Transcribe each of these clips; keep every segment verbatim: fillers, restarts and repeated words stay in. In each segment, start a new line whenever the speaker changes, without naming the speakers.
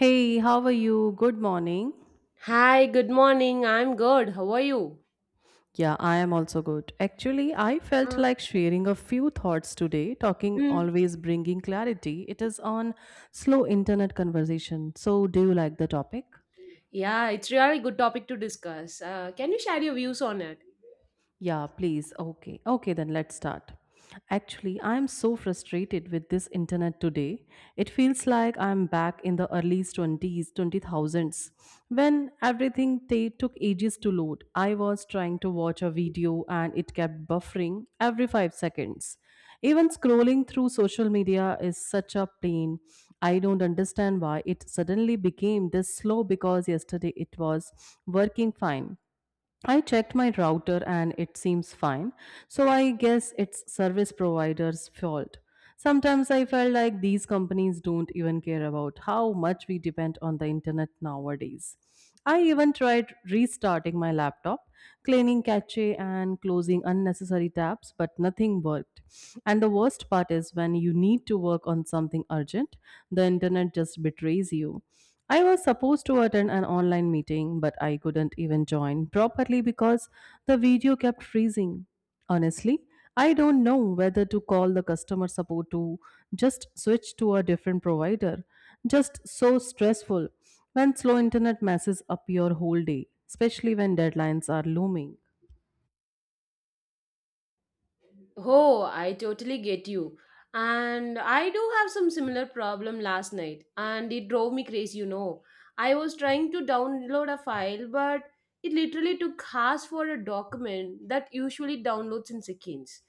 Hey, how are you? Good morning.
Hi, good morning. I'm good. How are you?
Yeah, I am also good. Actually, I felt
Mm.
like sharing a few thoughts today, talking
Mm.
always bringing clarity. It is on slow internet conversation. So, do you like the topic?
Yeah, it's really good topic to discuss. Uh, can you share your views on it?
Yeah, please. Okay. Okay, then let's start. Actually, I'm so frustrated with this internet today. It feels like I'm back in the early twenties, twenty thousands, when everything ta- took ages to load. I was trying to watch a video and it kept buffering every five seconds. Even scrolling through social media is such a pain. I don't understand why it suddenly became this slow because yesterday it was working fine. I checked my router and it seems fine, so I guess it's service provider's fault. Sometimes I felt like these companies don't even care about how much we depend on the internet nowadays. I even tried restarting my laptop, cleaning cache and closing unnecessary tabs, but nothing worked. And the worst part is when you need to work on something urgent, the internet just betrays you. I was supposed to attend an online meeting, but I couldn't even join properly because the video kept freezing. Honestly, I don't know whether to call the customer support to just switch to a different provider. Just so stressful when slow internet messes up your whole day, especially when deadlines are looming.
Oh, I totally get you. And I do have some similar problem last night, and it drove me crazy, you know. I was trying to download a file, but it literally took hours for a document that usually downloads in seconds.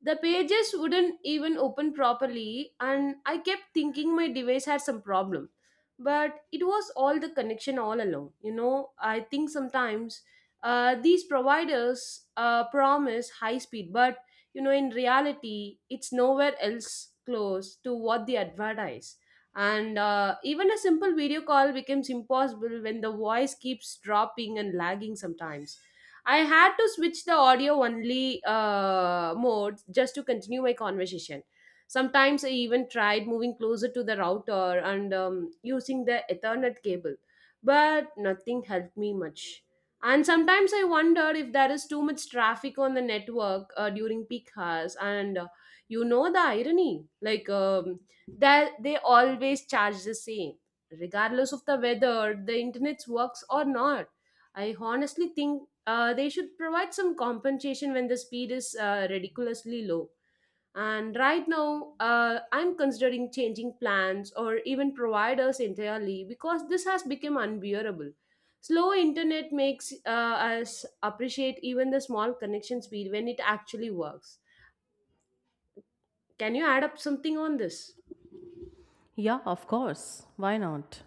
The pages wouldn't even open properly, and I kept thinking my device had some problem. But it was all the connection all along. You know, I think sometimes uh, these providers uh, promise high speed, but you know in reality it's nowhere else close to what they advertise, and uh, even a simple video call becomes impossible when the voice keeps dropping and lagging. Sometimes I had to switch the audio only uh, mode just to continue my conversation. Sometimes I even tried moving closer to the router and um, using the ethernet cable, but nothing helped me much. And sometimes I wondered if there is too much traffic on the network uh, during peak hours. And uh, you know the irony, like um, that they always charge the same, regardless of the weather, the internet works or not. I honestly think uh, they should provide some compensation when the speed is uh, ridiculously low. And right now, uh, I'm considering changing plans or even providers entirely because this has become unbearable. Slow internet makes uh, us appreciate even the small connection speed when it actually works. Can you add up something on this?
Yeah, of course. Why not?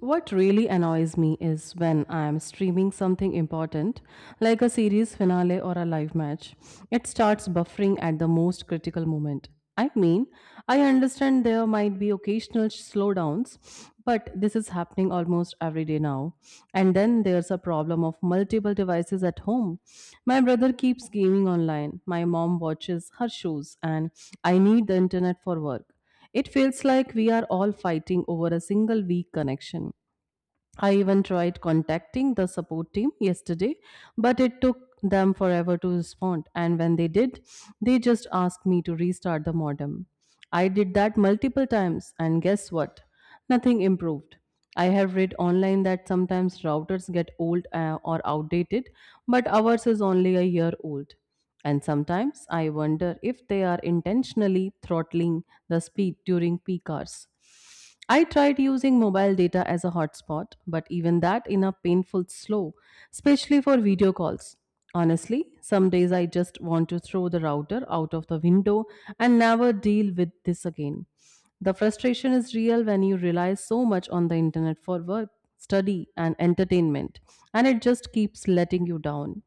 What really annoys me is when I am streaming something important, like a series finale or a live match. It starts buffering at the most critical moment. I mean, I understand there might be occasional slowdowns, but this is happening almost every day now. And then there's a problem of multiple devices at home. My brother keeps gaming online, my mom watches her shows, and I need the internet for work. It feels like we are all fighting over a single weak connection. I even tried contacting the support team yesterday, but it took them forever to respond. And when they did, they just asked me to restart the modem. I did that multiple times, and guess what? Nothing improved. I have read online that sometimes routers get old uh, or outdated, but ours is only a year old. And sometimes I wonder if they are intentionally throttling the speed during peak hours. I tried using mobile data as a hotspot, but even that in a painful slow, especially for video calls. Honestly, some days I just want to throw the router out of the window and never deal with this again. The frustration is real when you rely so much on the internet for work, study, and entertainment, and it just keeps letting you down.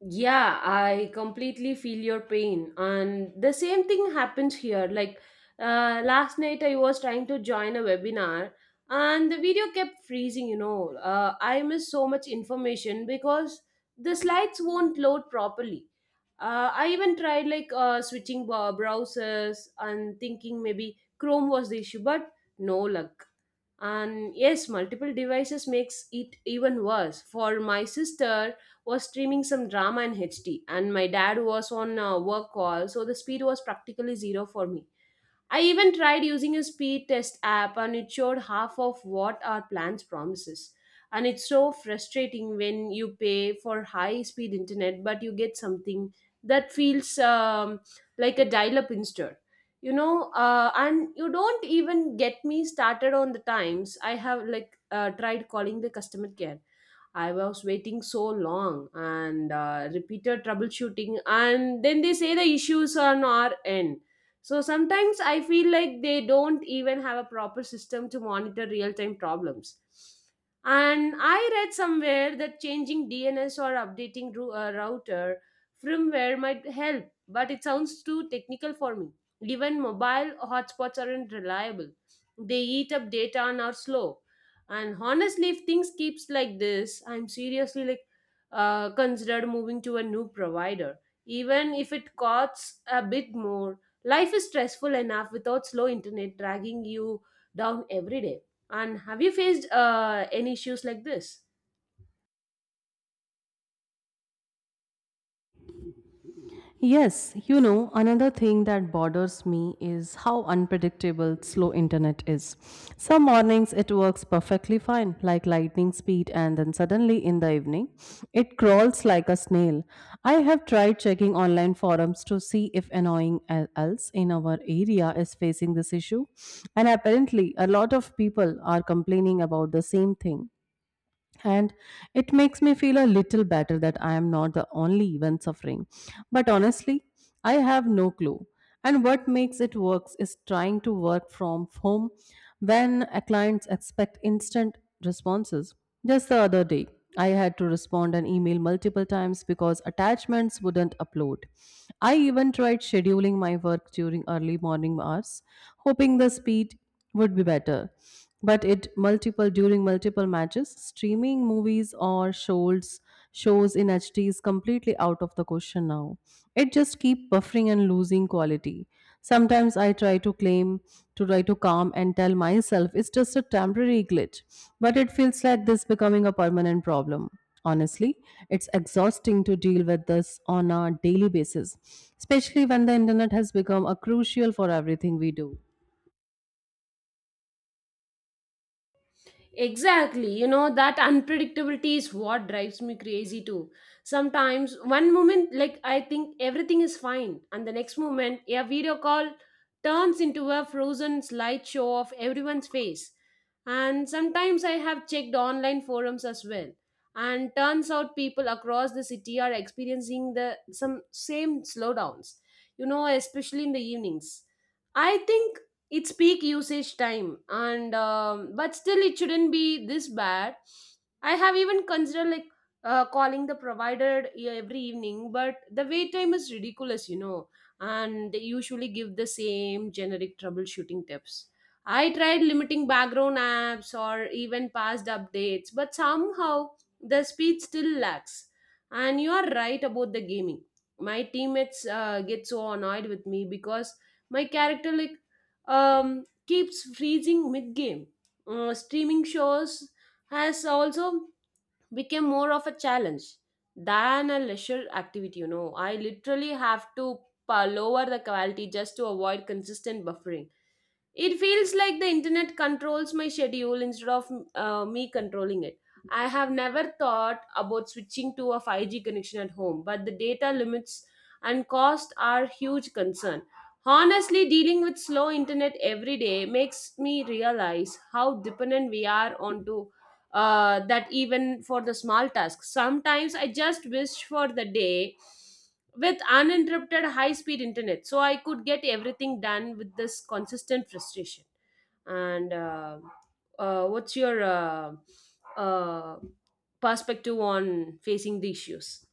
Yeah, I completely feel your pain. And the same thing happens here. Like uh, last night, I was trying to join a webinar and the video kept freezing. You know, uh, I missed so much information because the slides won't load properly. Uh, I even tried like uh, switching bo- browsers and thinking maybe Chrome was the issue, but no luck. And yes, multiple devices makes it even worse. For my sister was streaming some drama in hd and my dad was on a work call, so the speed was practically zero for me. I even tried using a speed test app and it showed half of what our plans promises. And it's so frustrating when you pay for high speed internet but you get something that feels um, like a dial up instead. You know, uh, and you don't even get me started on the times I have like uh, tried calling the customer care. I was waiting so long and uh, repeated troubleshooting, and then they say the issues are on our end. So sometimes I feel like they don't even have a proper system to monitor real time problems. And I read somewhere that changing D N S or updating ru- uh, router firmware might help, but it sounds too technical for me. Even mobile hotspots aren't reliable, they eat up data and are slow. And honestly, if things keeps like this, I'm seriously like uh, considered moving to a new provider, even if it costs a bit more. Life is stressful enough without slow internet dragging you down every day. And have you faced uh, any issues like this?
Yes, you know, another thing that bothers me is how unpredictable slow internet is. Some mornings it works perfectly fine, like lightning speed, and then suddenly in the evening it crawls like a snail. I have tried checking online forums to see if annoying el- else in our area is facing this issue, and apparently a lot of people are complaining about the same thing and it makes me feel a little better that I am not the only one suffering. But honestly, I have no clue. And what makes it works is trying to work from home when a clients expect instant responses. Just the other day, I had to respond an email multiple times because attachments wouldn't upload. I even tried scheduling my work during early morning hours, hoping the speed would be better, but it multiple during multiple matches streaming movies or shows shows in hd is completely out of the question now. It just keep buffering and losing quality. Sometimes I try to claim to try to calm and tell myself it's just a temporary glitch, but it feels like this becoming a permanent problem. Honestly, it's exhausting to deal with this on a daily basis, especially when the internet has become a crucial for everything we do.
Exactly. You know, that unpredictability is what drives me crazy too. Sometimes, one moment, like, I think everything is fine, and the next moment, a video call turns into a frozen slideshow of everyone's face. And sometimes I have checked online forums as well. And turns out people across the city are experiencing the some same slowdowns, you know, especially in the evenings. I think it's peak usage time and um, but still it shouldn't be this bad. I have even considered like uh, calling the provider e- every evening, but the wait time is ridiculous, you know. And they usually give the same generic troubleshooting tips. I tried limiting background apps or even past updates, but somehow the speed still lacks. And you are right about the gaming. My teammates uh, get so annoyed with me because my character like um, keeps freezing mid-game. Uh, streaming shows has also become more of a challenge than a leisure activity. You know, I literally have to pa- lower the quality just to avoid consistent buffering. It feels like the internet controls my schedule instead of uh, me controlling it. I have never thought about switching to a five G connection at home, but the data limits and cost are huge concern. Honestly, dealing with slow internet every day makes me realize how dependent we are onto uh, that, even for the small tasks. Sometimes I just wish for the day with uninterrupted high speed internet so I could get everything done with this consistent frustration. And uh, uh, what's your uh, uh, perspective on facing the issues?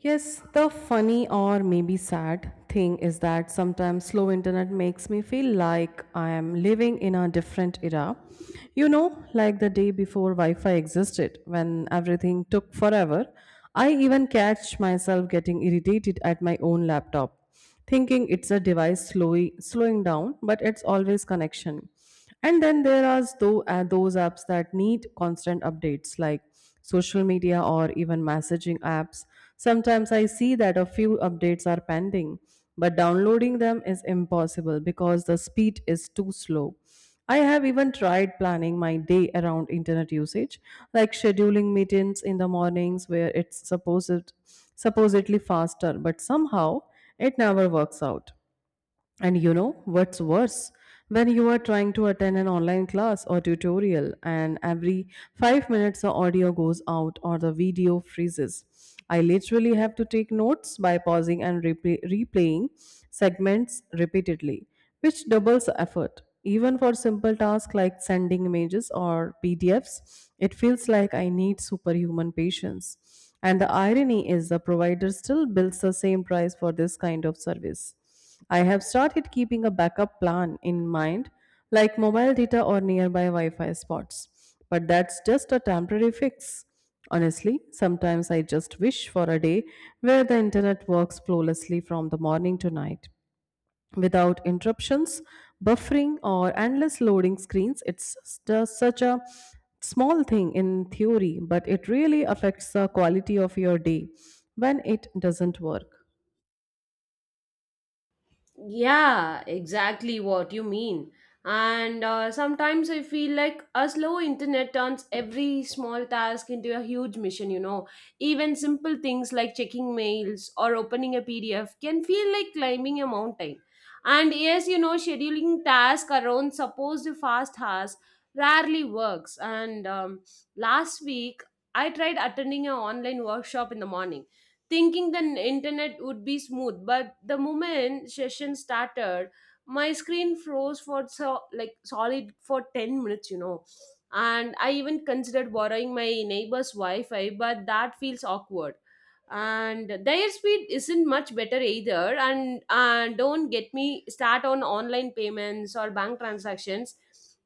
Yes, the funny or maybe sad thing is that sometimes slow internet makes me feel like I am living in a different era. You know, like the day before Wi Fi existed, when everything took forever. I even catch myself getting irritated at my own laptop, thinking it's a device slowly slowing down, but it's always connection. And then there are tho- uh, those apps that need constant updates, like social media or even messaging apps. Sometimes I see that a few updates are pending, but downloading them is impossible because the speed is too slow. I have even tried planning my day around internet usage, like scheduling meetings in the mornings where it's supposed, supposedly faster, but somehow it never works out. And you know what's worse? When you are trying to attend an online class or tutorial, and every five minutes the audio goes out or the video freezes. I literally have to take notes by pausing and replay- replaying segments repeatedly, which doubles the effort. Even for simple tasks like sending images or P D Fs, it feels like I need superhuman patience. And the irony is the provider still bills the same price for this kind of service. I have started keeping a backup plan in mind, like mobile data or nearby Wi Fi spots. But that's just a temporary fix. Honestly, sometimes I just wish for a day where the internet works flawlessly from the morning to night. Without interruptions, buffering, or endless loading screens, it's just such a small thing in theory, but it really affects the quality of your day when it doesn't work.
Yeah, exactly what you mean. And uh, sometimes I feel like a slow internet turns every small task into a huge mission, you know. Even simple things like checking mails or opening a P D F can feel like climbing a mountain. And yes, you know, scheduling tasks around supposed fast hours rarely works. And um, Last week, I tried attending an online workshop in the morning, thinking the n- internet would be smooth, but the moment session started my screen froze for so like solid for ten minutes, you know. And I even considered borrowing my neighbor's wi-fi, but that feels awkward, and their speed isn't much better either. And and don't get me start on online payments or bank transactions.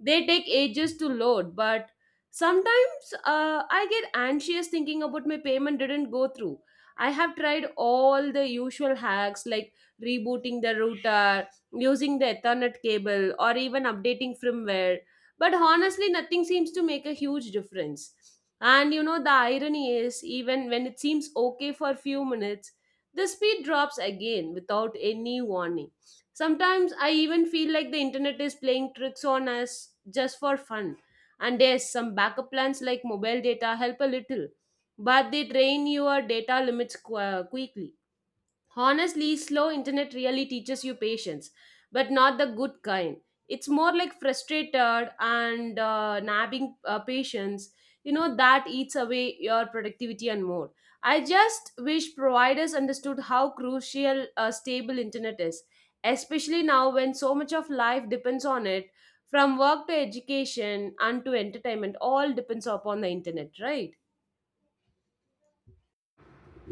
They take ages to load. But sometimes uh, I get anxious thinking about my payment didn't go through. I have tried all the usual hacks like rebooting the router, using the Ethernet cable, or even updating firmware. But honestly, nothing seems to make a huge difference. And you know, the irony is, even when it seems okay for a few minutes, the speed drops again without any warning. Sometimes I even feel like the internet is playing tricks on us just for fun. And yes, some backup plans like mobile data help a little, but they drain your data limits qu- uh, quickly. Honestly, slow internet really teaches you patience, but not the good kind. It's more like frustrated and uh, nabbing uh, patience. You know that eats away your productivity and more. I just wish providers understood how crucial a stable internet is, especially now when so much of life depends on it. From work to education and to entertainment, all depends upon the internet, right?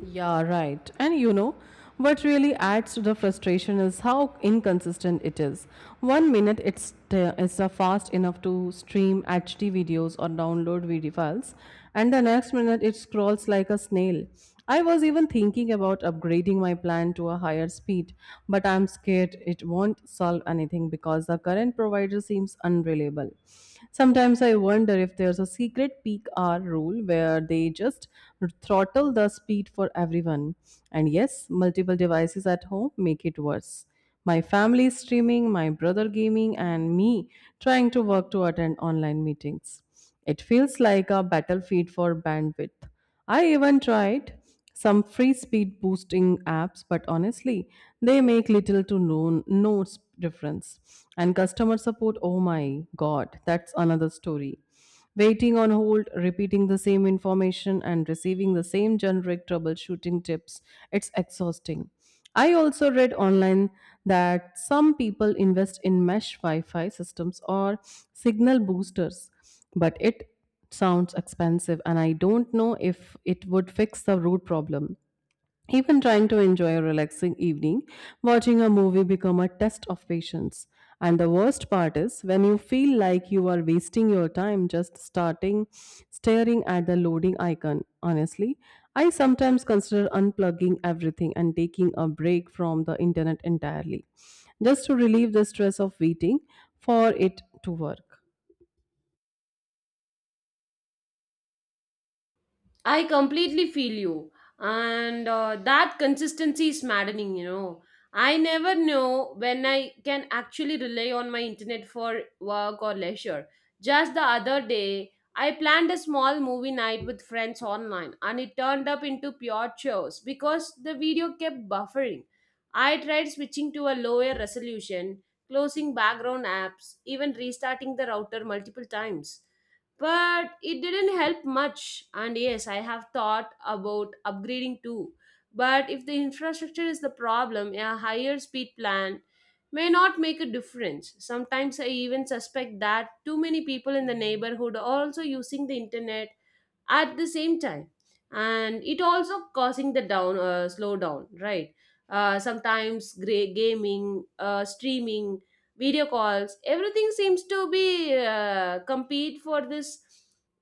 Yeah, right. And you know, what really adds to the frustration is how inconsistent it is. One minute it's t- it's uh, fast enough to stream H D videos or download video files, and the next minute it scrolls like a snail. I was even thinking about upgrading my plan to a higher speed, but I'm scared it won't solve anything because the current provider seems unreliable. Sometimes I wonder if there's a secret peak hour rule where they just throttle the speed for everyone. And yes, multiple devices at home make it worse. My family streaming, my brother gaming, and me trying to work to attend online meetings. It feels like a battlefield for bandwidth. I even tried some free speed boosting apps, but honestly, they make little to no, no s- difference. And customer support, oh my god, that's another story. Waiting on hold, repeating the same information, and receiving the same generic troubleshooting tips, it's exhausting. I also read online that some people invest in mesh Wi Fi systems or signal boosters, but it sounds expensive and I don't know if it would fix the root problem. Even trying to enjoy a relaxing evening, watching a movie become a test of patience. And the worst part is when you feel like you are wasting your time just starting staring at the loading icon. Honestly, I sometimes consider unplugging everything and taking a break from the internet entirely just to relieve the stress of waiting for it to work.
I completely feel you. And uh, that consistency is maddening, you know. I never know when I can actually rely on my internet for work or leisure. Just the other day, I planned a small movie night with friends online and it turned up into pure chaos because the video kept buffering. I tried switching to a lower resolution, closing background apps, even restarting the router multiple times, but it didn't help much. And yes, I have thought about upgrading too, but if the infrastructure is the problem, a higher speed plan may not make a difference. Sometimes I even suspect that too many people in the neighborhood are also using the internet at the same time, and it also causing the down uh, slowdown, right? Uh, sometimes gray gaming, uh, streaming, video calls, everything seems to be uh, compete for this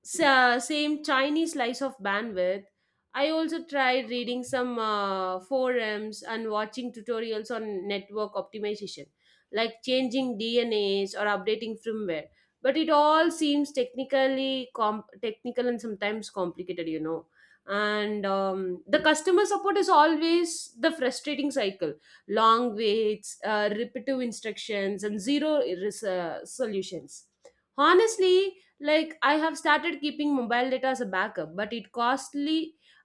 sa- same chinese slice of bandwidth. I also tried reading some uh, forums and watching tutorials on network optimization, like changing dnas or updating firmware, but it all seems technically com- technical and sometimes complicated, you know. And um, The customer support is always the frustrating cycle: long waits, uh, repetitive instructions, and zero res- uh, solutions. Honestly, like I have started keeping mobile data as a backup, but it costly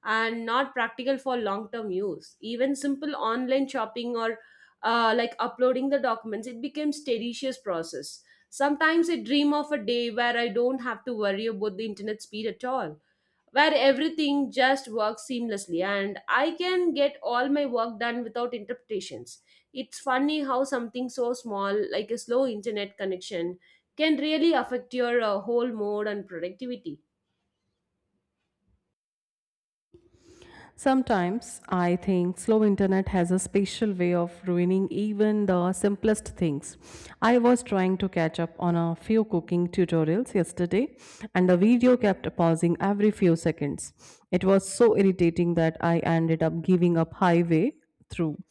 and not practical for long term use. Even simple online shopping or uh, like uploading the documents, it becomes tedious process. Sometimes I dream of a day where I don't have to worry about the internet speed at all, where everything just works seamlessly and I can get all my work done without interpretations. It's funny how something so small, like a slow internet connection, can really affect your uh, whole mood and productivity.
Sometimes I think slow internet has a special way of ruining even the simplest things. I was trying to catch up on a few cooking tutorials yesterday and the video kept pausing every few seconds. It was so irritating that I ended up giving up halfway through.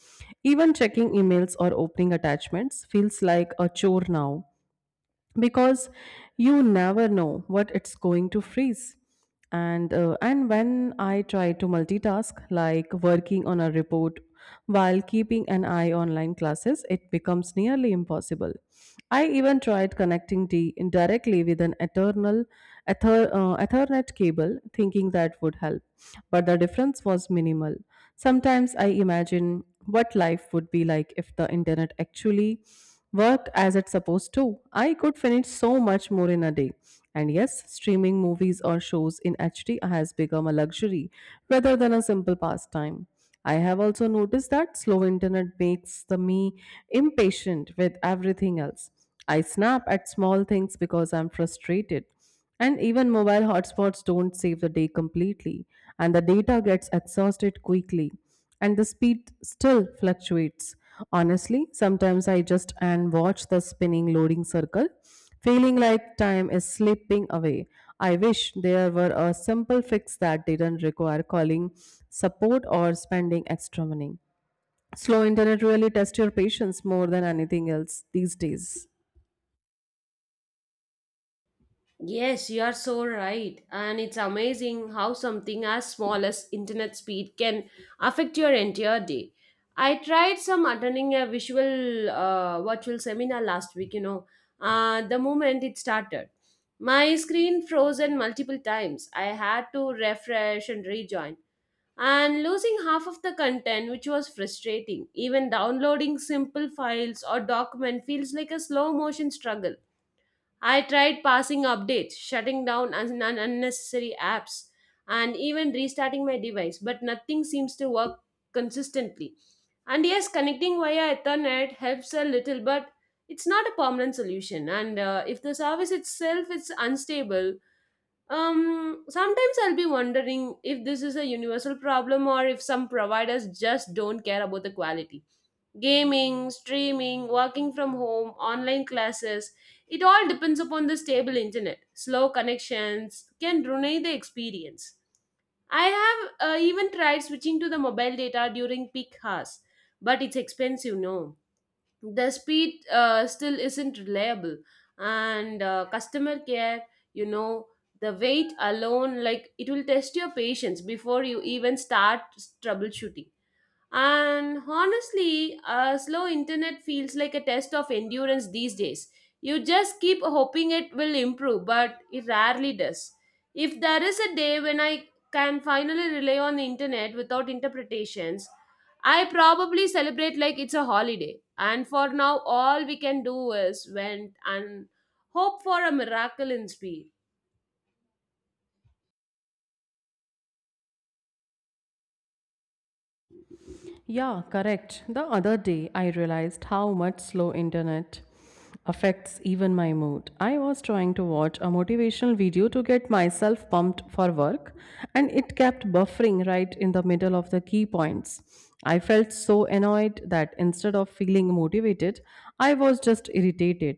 Even checking emails or opening attachments feels like a chore now because you never know what it's going to freeze. And uh, and when I try to multitask, like working on a report while keeping an eye online classes, it becomes nearly impossible. I even tried connecting d indirectly with an eternal ether, uh, ethernet cable, thinking that would help, but the difference was minimal. Sometimes I imagine what life would be like if the internet actually work as it's supposed to. I could finish so much more in a day. And yes, streaming movies or shows in H D has become a luxury rather than a simple pastime. I have also noticed that slow internet makes the me impatient with everything else. I snap at small things because I'm frustrated. And even mobile hotspots don't save the day completely, and the data gets exhausted quickly and the speed still fluctuates. Honestly, sometimes I just and watch the spinning loading circle, feeling like time is slipping away. I wish there were a simple fix that didn't require calling support or spending extra money. Slow internet really tests your patience more than anything else these days.
Yes, you are so right. And it's amazing how something as small as internet speed can affect your entire day. I tried some attending a visual uh, virtual seminar last week, you know. Uh, the moment it started, my screen frozen multiple times. I had to refresh and rejoin, and losing half of the content, which was frustrating. Even downloading simple files or document feels like a slow motion struggle. I tried passing updates, shutting down un- un- unnecessary apps, and even restarting my device, but nothing seems to work consistently. And yes, connecting via Ethernet helps a little, but it's not a permanent solution. And uh, If the service itself is unstable, um, sometimes I'll be wondering if this is a universal problem or if some providers just don't care about the quality. Gaming, streaming, working from home, online classes, it all depends upon the stable internet. Slow connections can ruin the experience. I have uh, even tried switching to the mobile data during peak hours, but it's expensive, no. The speed uh, still isn't reliable, and uh, customer care, you know, the wait alone, like it will test your patience before you even start troubleshooting. And honestly, a slow internet feels like a test of endurance these days. You just keep hoping it will improve, but it rarely does. If there is a day when I can finally rely on the internet without interpretations, I probably celebrate like it's a holiday. And for now, all we can do is went and hope for a miracle in speed.
Yeah, correct. The other day, I realized how much slow internet affects even my mood. I was trying to watch a motivational video to get myself pumped for work, and it kept buffering right in the middle of the key points. I felt so annoyed that instead of feeling motivated, I was just irritated.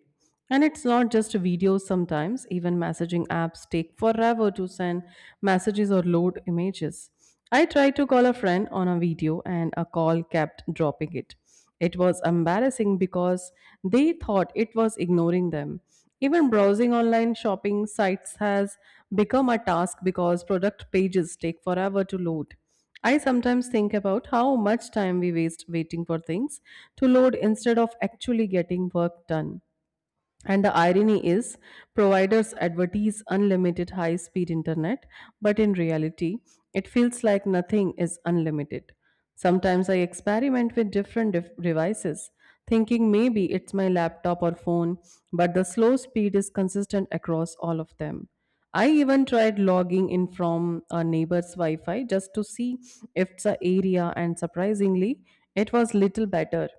And it's not just videos sometimes, even messaging apps take forever to send messages or load images. I tried to call a friend on a video and a call kept dropping it. It was embarrassing because they thought it was ignoring them. Even browsing online shopping sites has become a task because product pages take forever to load. I sometimes think about how much time we waste waiting for things to load instead of actually getting work done. And the irony is, providers advertise unlimited high speed internet, but in reality, it feels like nothing is unlimited. Sometimes I experiment with different def- devices, thinking maybe it's my laptop or phone, but the slow speed is consistent across all of them. I even tried logging in from a neighbor's Wi Fi just to see if the area, and surprisingly, it was little better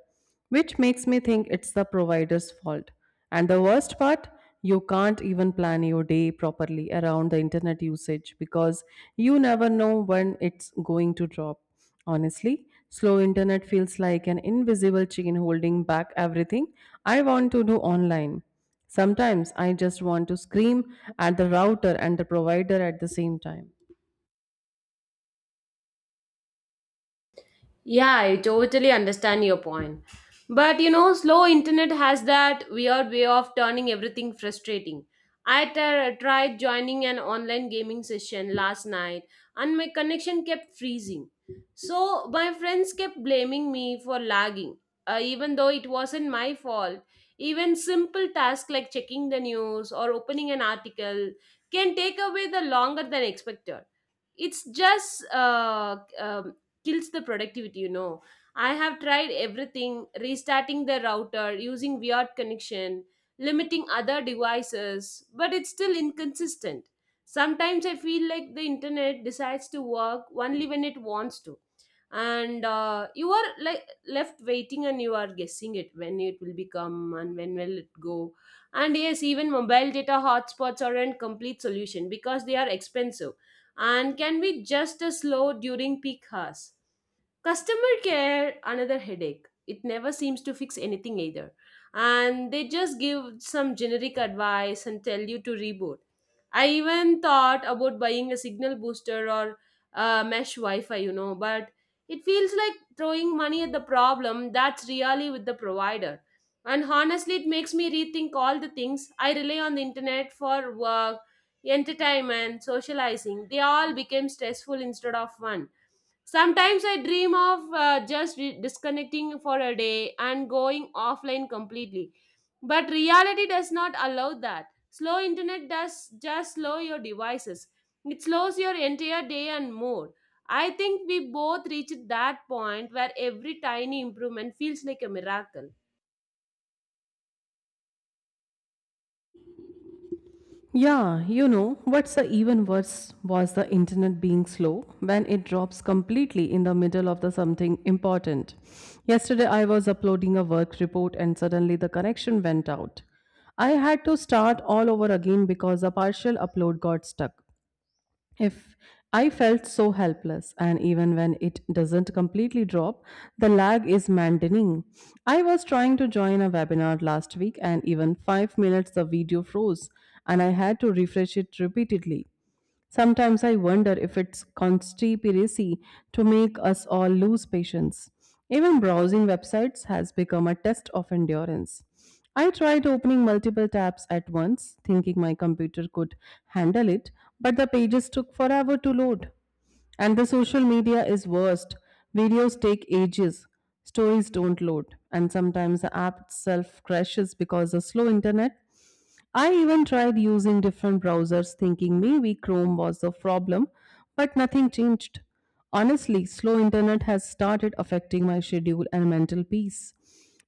which makes me think it's the provider's fault. And the worst part, you can't even plan your day properly around the internet usage because you never know when it's going to drop. Honestly, slow internet feels like an invisible chain holding back everything I want to do online. Sometimes I just want to scream at the router and the provider at the same time.
Yeah, I totally understand your point. But you know, slow internet has that weird way of turning everything frustrating. I t- tried joining an online gaming session last night and my connection kept freezing. So my friends kept blaming me for lagging, uh, even though it wasn't my fault. Even simple tasks like checking the news or opening an article can take away the longer than expected. It's just uh, um, kills the productivity you know I have tried everything, restarting the router, using weird connection, limiting other devices, but it's still inconsistent. Sometimes I feel like the internet decides to work only when it wants to, and uh, you are like left waiting and you are guessing it when it will become and when will it go. And yes, even mobile data hotspots aren't complete solution, because they are expensive and can be just as slow during peak hours. Customer care, another headache. It never seems to fix anything either. And they just give some generic advice and tell you to reboot. I even thought about buying a signal booster or uh, mesh Wi Fi, you know, but it feels like throwing money at the problem that's really with the provider. And honestly, it makes me rethink all the things I rely on the internet for: work, entertainment, socializing, they all became stressful instead of fun. Sometimes I dream of uh, just re- disconnecting for a day and going offline completely. But reality does not allow that. Slow internet does just slow your devices. It slows your entire day and mood. I think we both reached that point where every tiny improvement feels like a miracle.
Yeah, you know, what's the even worse was the internet being slow when it drops completely in the middle of the something important. Yesterday I was uploading a work report and suddenly the connection went out. I had to start all over again because a partial upload got stuck. If I felt so helpless, and even when it doesn't completely drop, the lag is maddening. I was trying to join a webinar last week, and even five minutes the video froze, and I had to refresh it repeatedly. Sometimes I wonder if it's conspiracy to make us all lose patience. Even browsing websites has become a test of endurance. I tried opening multiple tabs at once, thinking my computer could handle it, but the pages took forever to load. And the social media is worst. Videos take ages, stories don't load, and sometimes the app itself crashes because of slow internet. I even tried using different browsers thinking maybe Chrome was the problem, but nothing changed. Honestly, slow internet has started affecting my schedule and mental peace.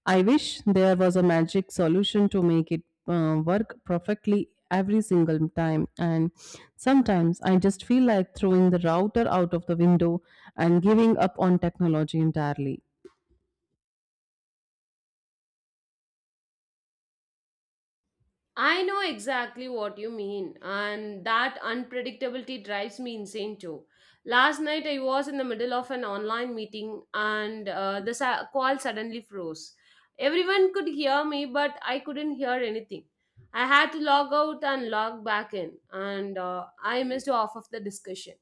I wish there was a magic solution to make it uh, work perfectly every single time and sometimes I just feel like throwing the router out of the window and giving up on technology entirely.
I know exactly what you mean, and that unpredictability drives me insane too. Last night I was in the middle of an online meeting, and uh, the sa- call suddenly froze. Everyone could hear me, but I couldn't hear anything. I had to log out and log back in, and uh, I missed half of the discussion.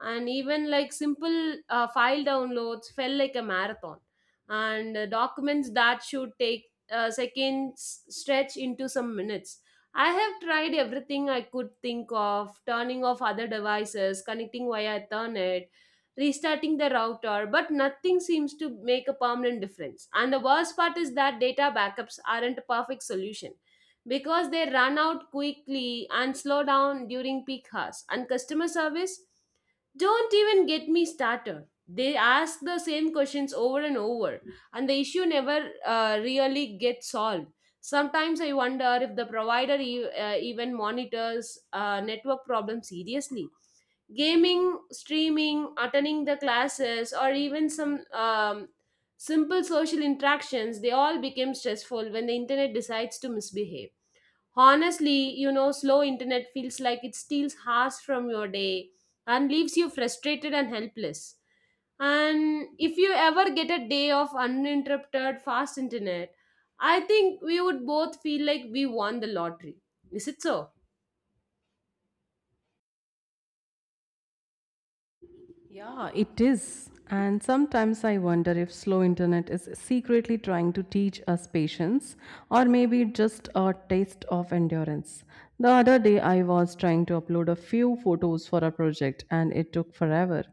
And even like simple uh, file downloads felt like a marathon, and uh, documents that should take uh, seconds stretch into some minutes. I have tried everything I could think of, turning off other devices, connecting via Ethernet, restarting the router, but nothing seems to make a permanent difference. And the worst part is that data backups aren't a perfect solution, because they run out quickly and slow down during peak hours. And customer service, don't even get me started. They ask the same questions over and over, and the issue never uh, really gets solved. Sometimes I wonder if the provider e- uh, even monitors uh, network problems seriously. Gaming, streaming, attending the classes, or even some um, simple social interactions, they all became stressful when the internet decides to misbehave. Honestly, you know, slow internet feels like it steals hours from your day and leaves you frustrated and helpless. And if you ever get a day of uninterrupted fast internet, I think we would both feel like we won the lottery. Is it so?
Yeah, it is. And sometimes I wonder if slow internet is secretly trying to teach us patience or maybe just a taste of endurance. The other day I was trying to upload a few photos for a project and it took forever.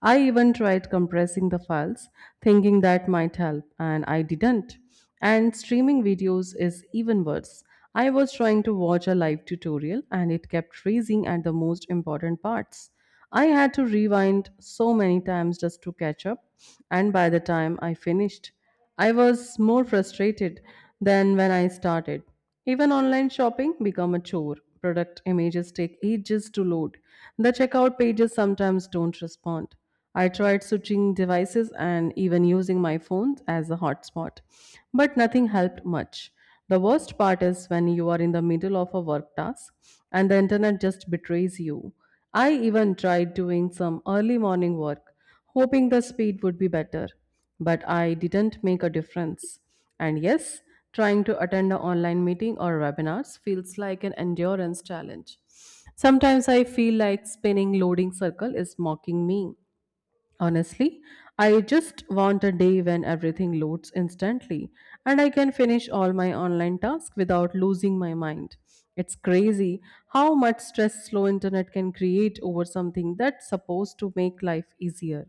I even tried compressing the files thinking that might help and I didn't. And streaming videos is even worse. I was trying to watch a live tutorial and it kept freezing at the most important parts. I had to rewind so many times just to catch up, and by the time I finished, I was more frustrated than when I started. Even online shopping become a chore. Product images take ages to load. The checkout pages sometimes don't respond. I tried switching devices and even using my phone as a hotspot, but nothing helped much. The worst part is when you are in the middle of a work task and the internet just betrays you. I even tried doing some early morning work, hoping the speed would be better, but I didn't make a difference. And yes, trying to attend an online meeting or webinars feels like an endurance challenge. Sometimes I feel like spinning loading circle is mocking me. Honestly, I just want a day when everything loads instantly and I can finish all my online tasks without losing my mind. It's crazy how much stress slow internet can create over something that's supposed to make life easier.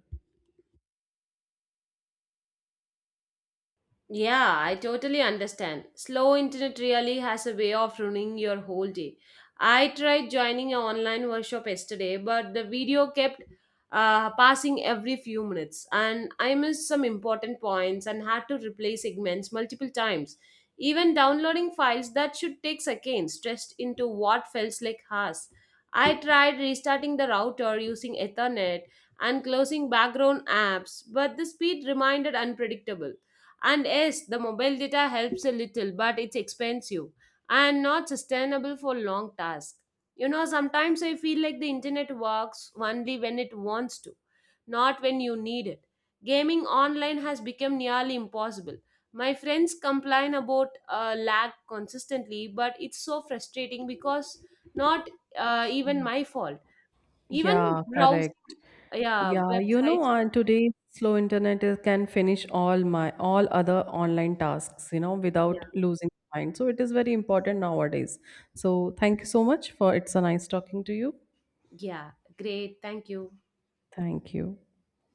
Yeah, I totally understand. Slow internet really has a way of ruining your whole day. I tried joining an online workshop yesterday, but the video kept uh, passing every few minutes, and I missed some important points and had to replay segments multiple times. Even downloading files that should take seconds stretched into what felt like hours. I tried restarting the router, using Ethernet and closing background apps, but the speed remained unpredictable. And yes, the mobile data helps a little, but it's expensive and not sustainable for long tasks. You know, sometimes I feel like the internet works only when it wants to, not when you need it. Gaming online has become nearly impossible. My friends complain about uh, lag consistently, but it's so frustrating because not uh, even my fault. Even
Yeah,
browsing,
correct.
yeah,
Yeah, you know,
websites or
uh, today slow internet is, can finish all my all other online tasks, you know,
yeah,
without losing mind. So it is very important nowadays. So thank you so much for it's a nice talking to you.
yeah, great, thank you.
Thank you.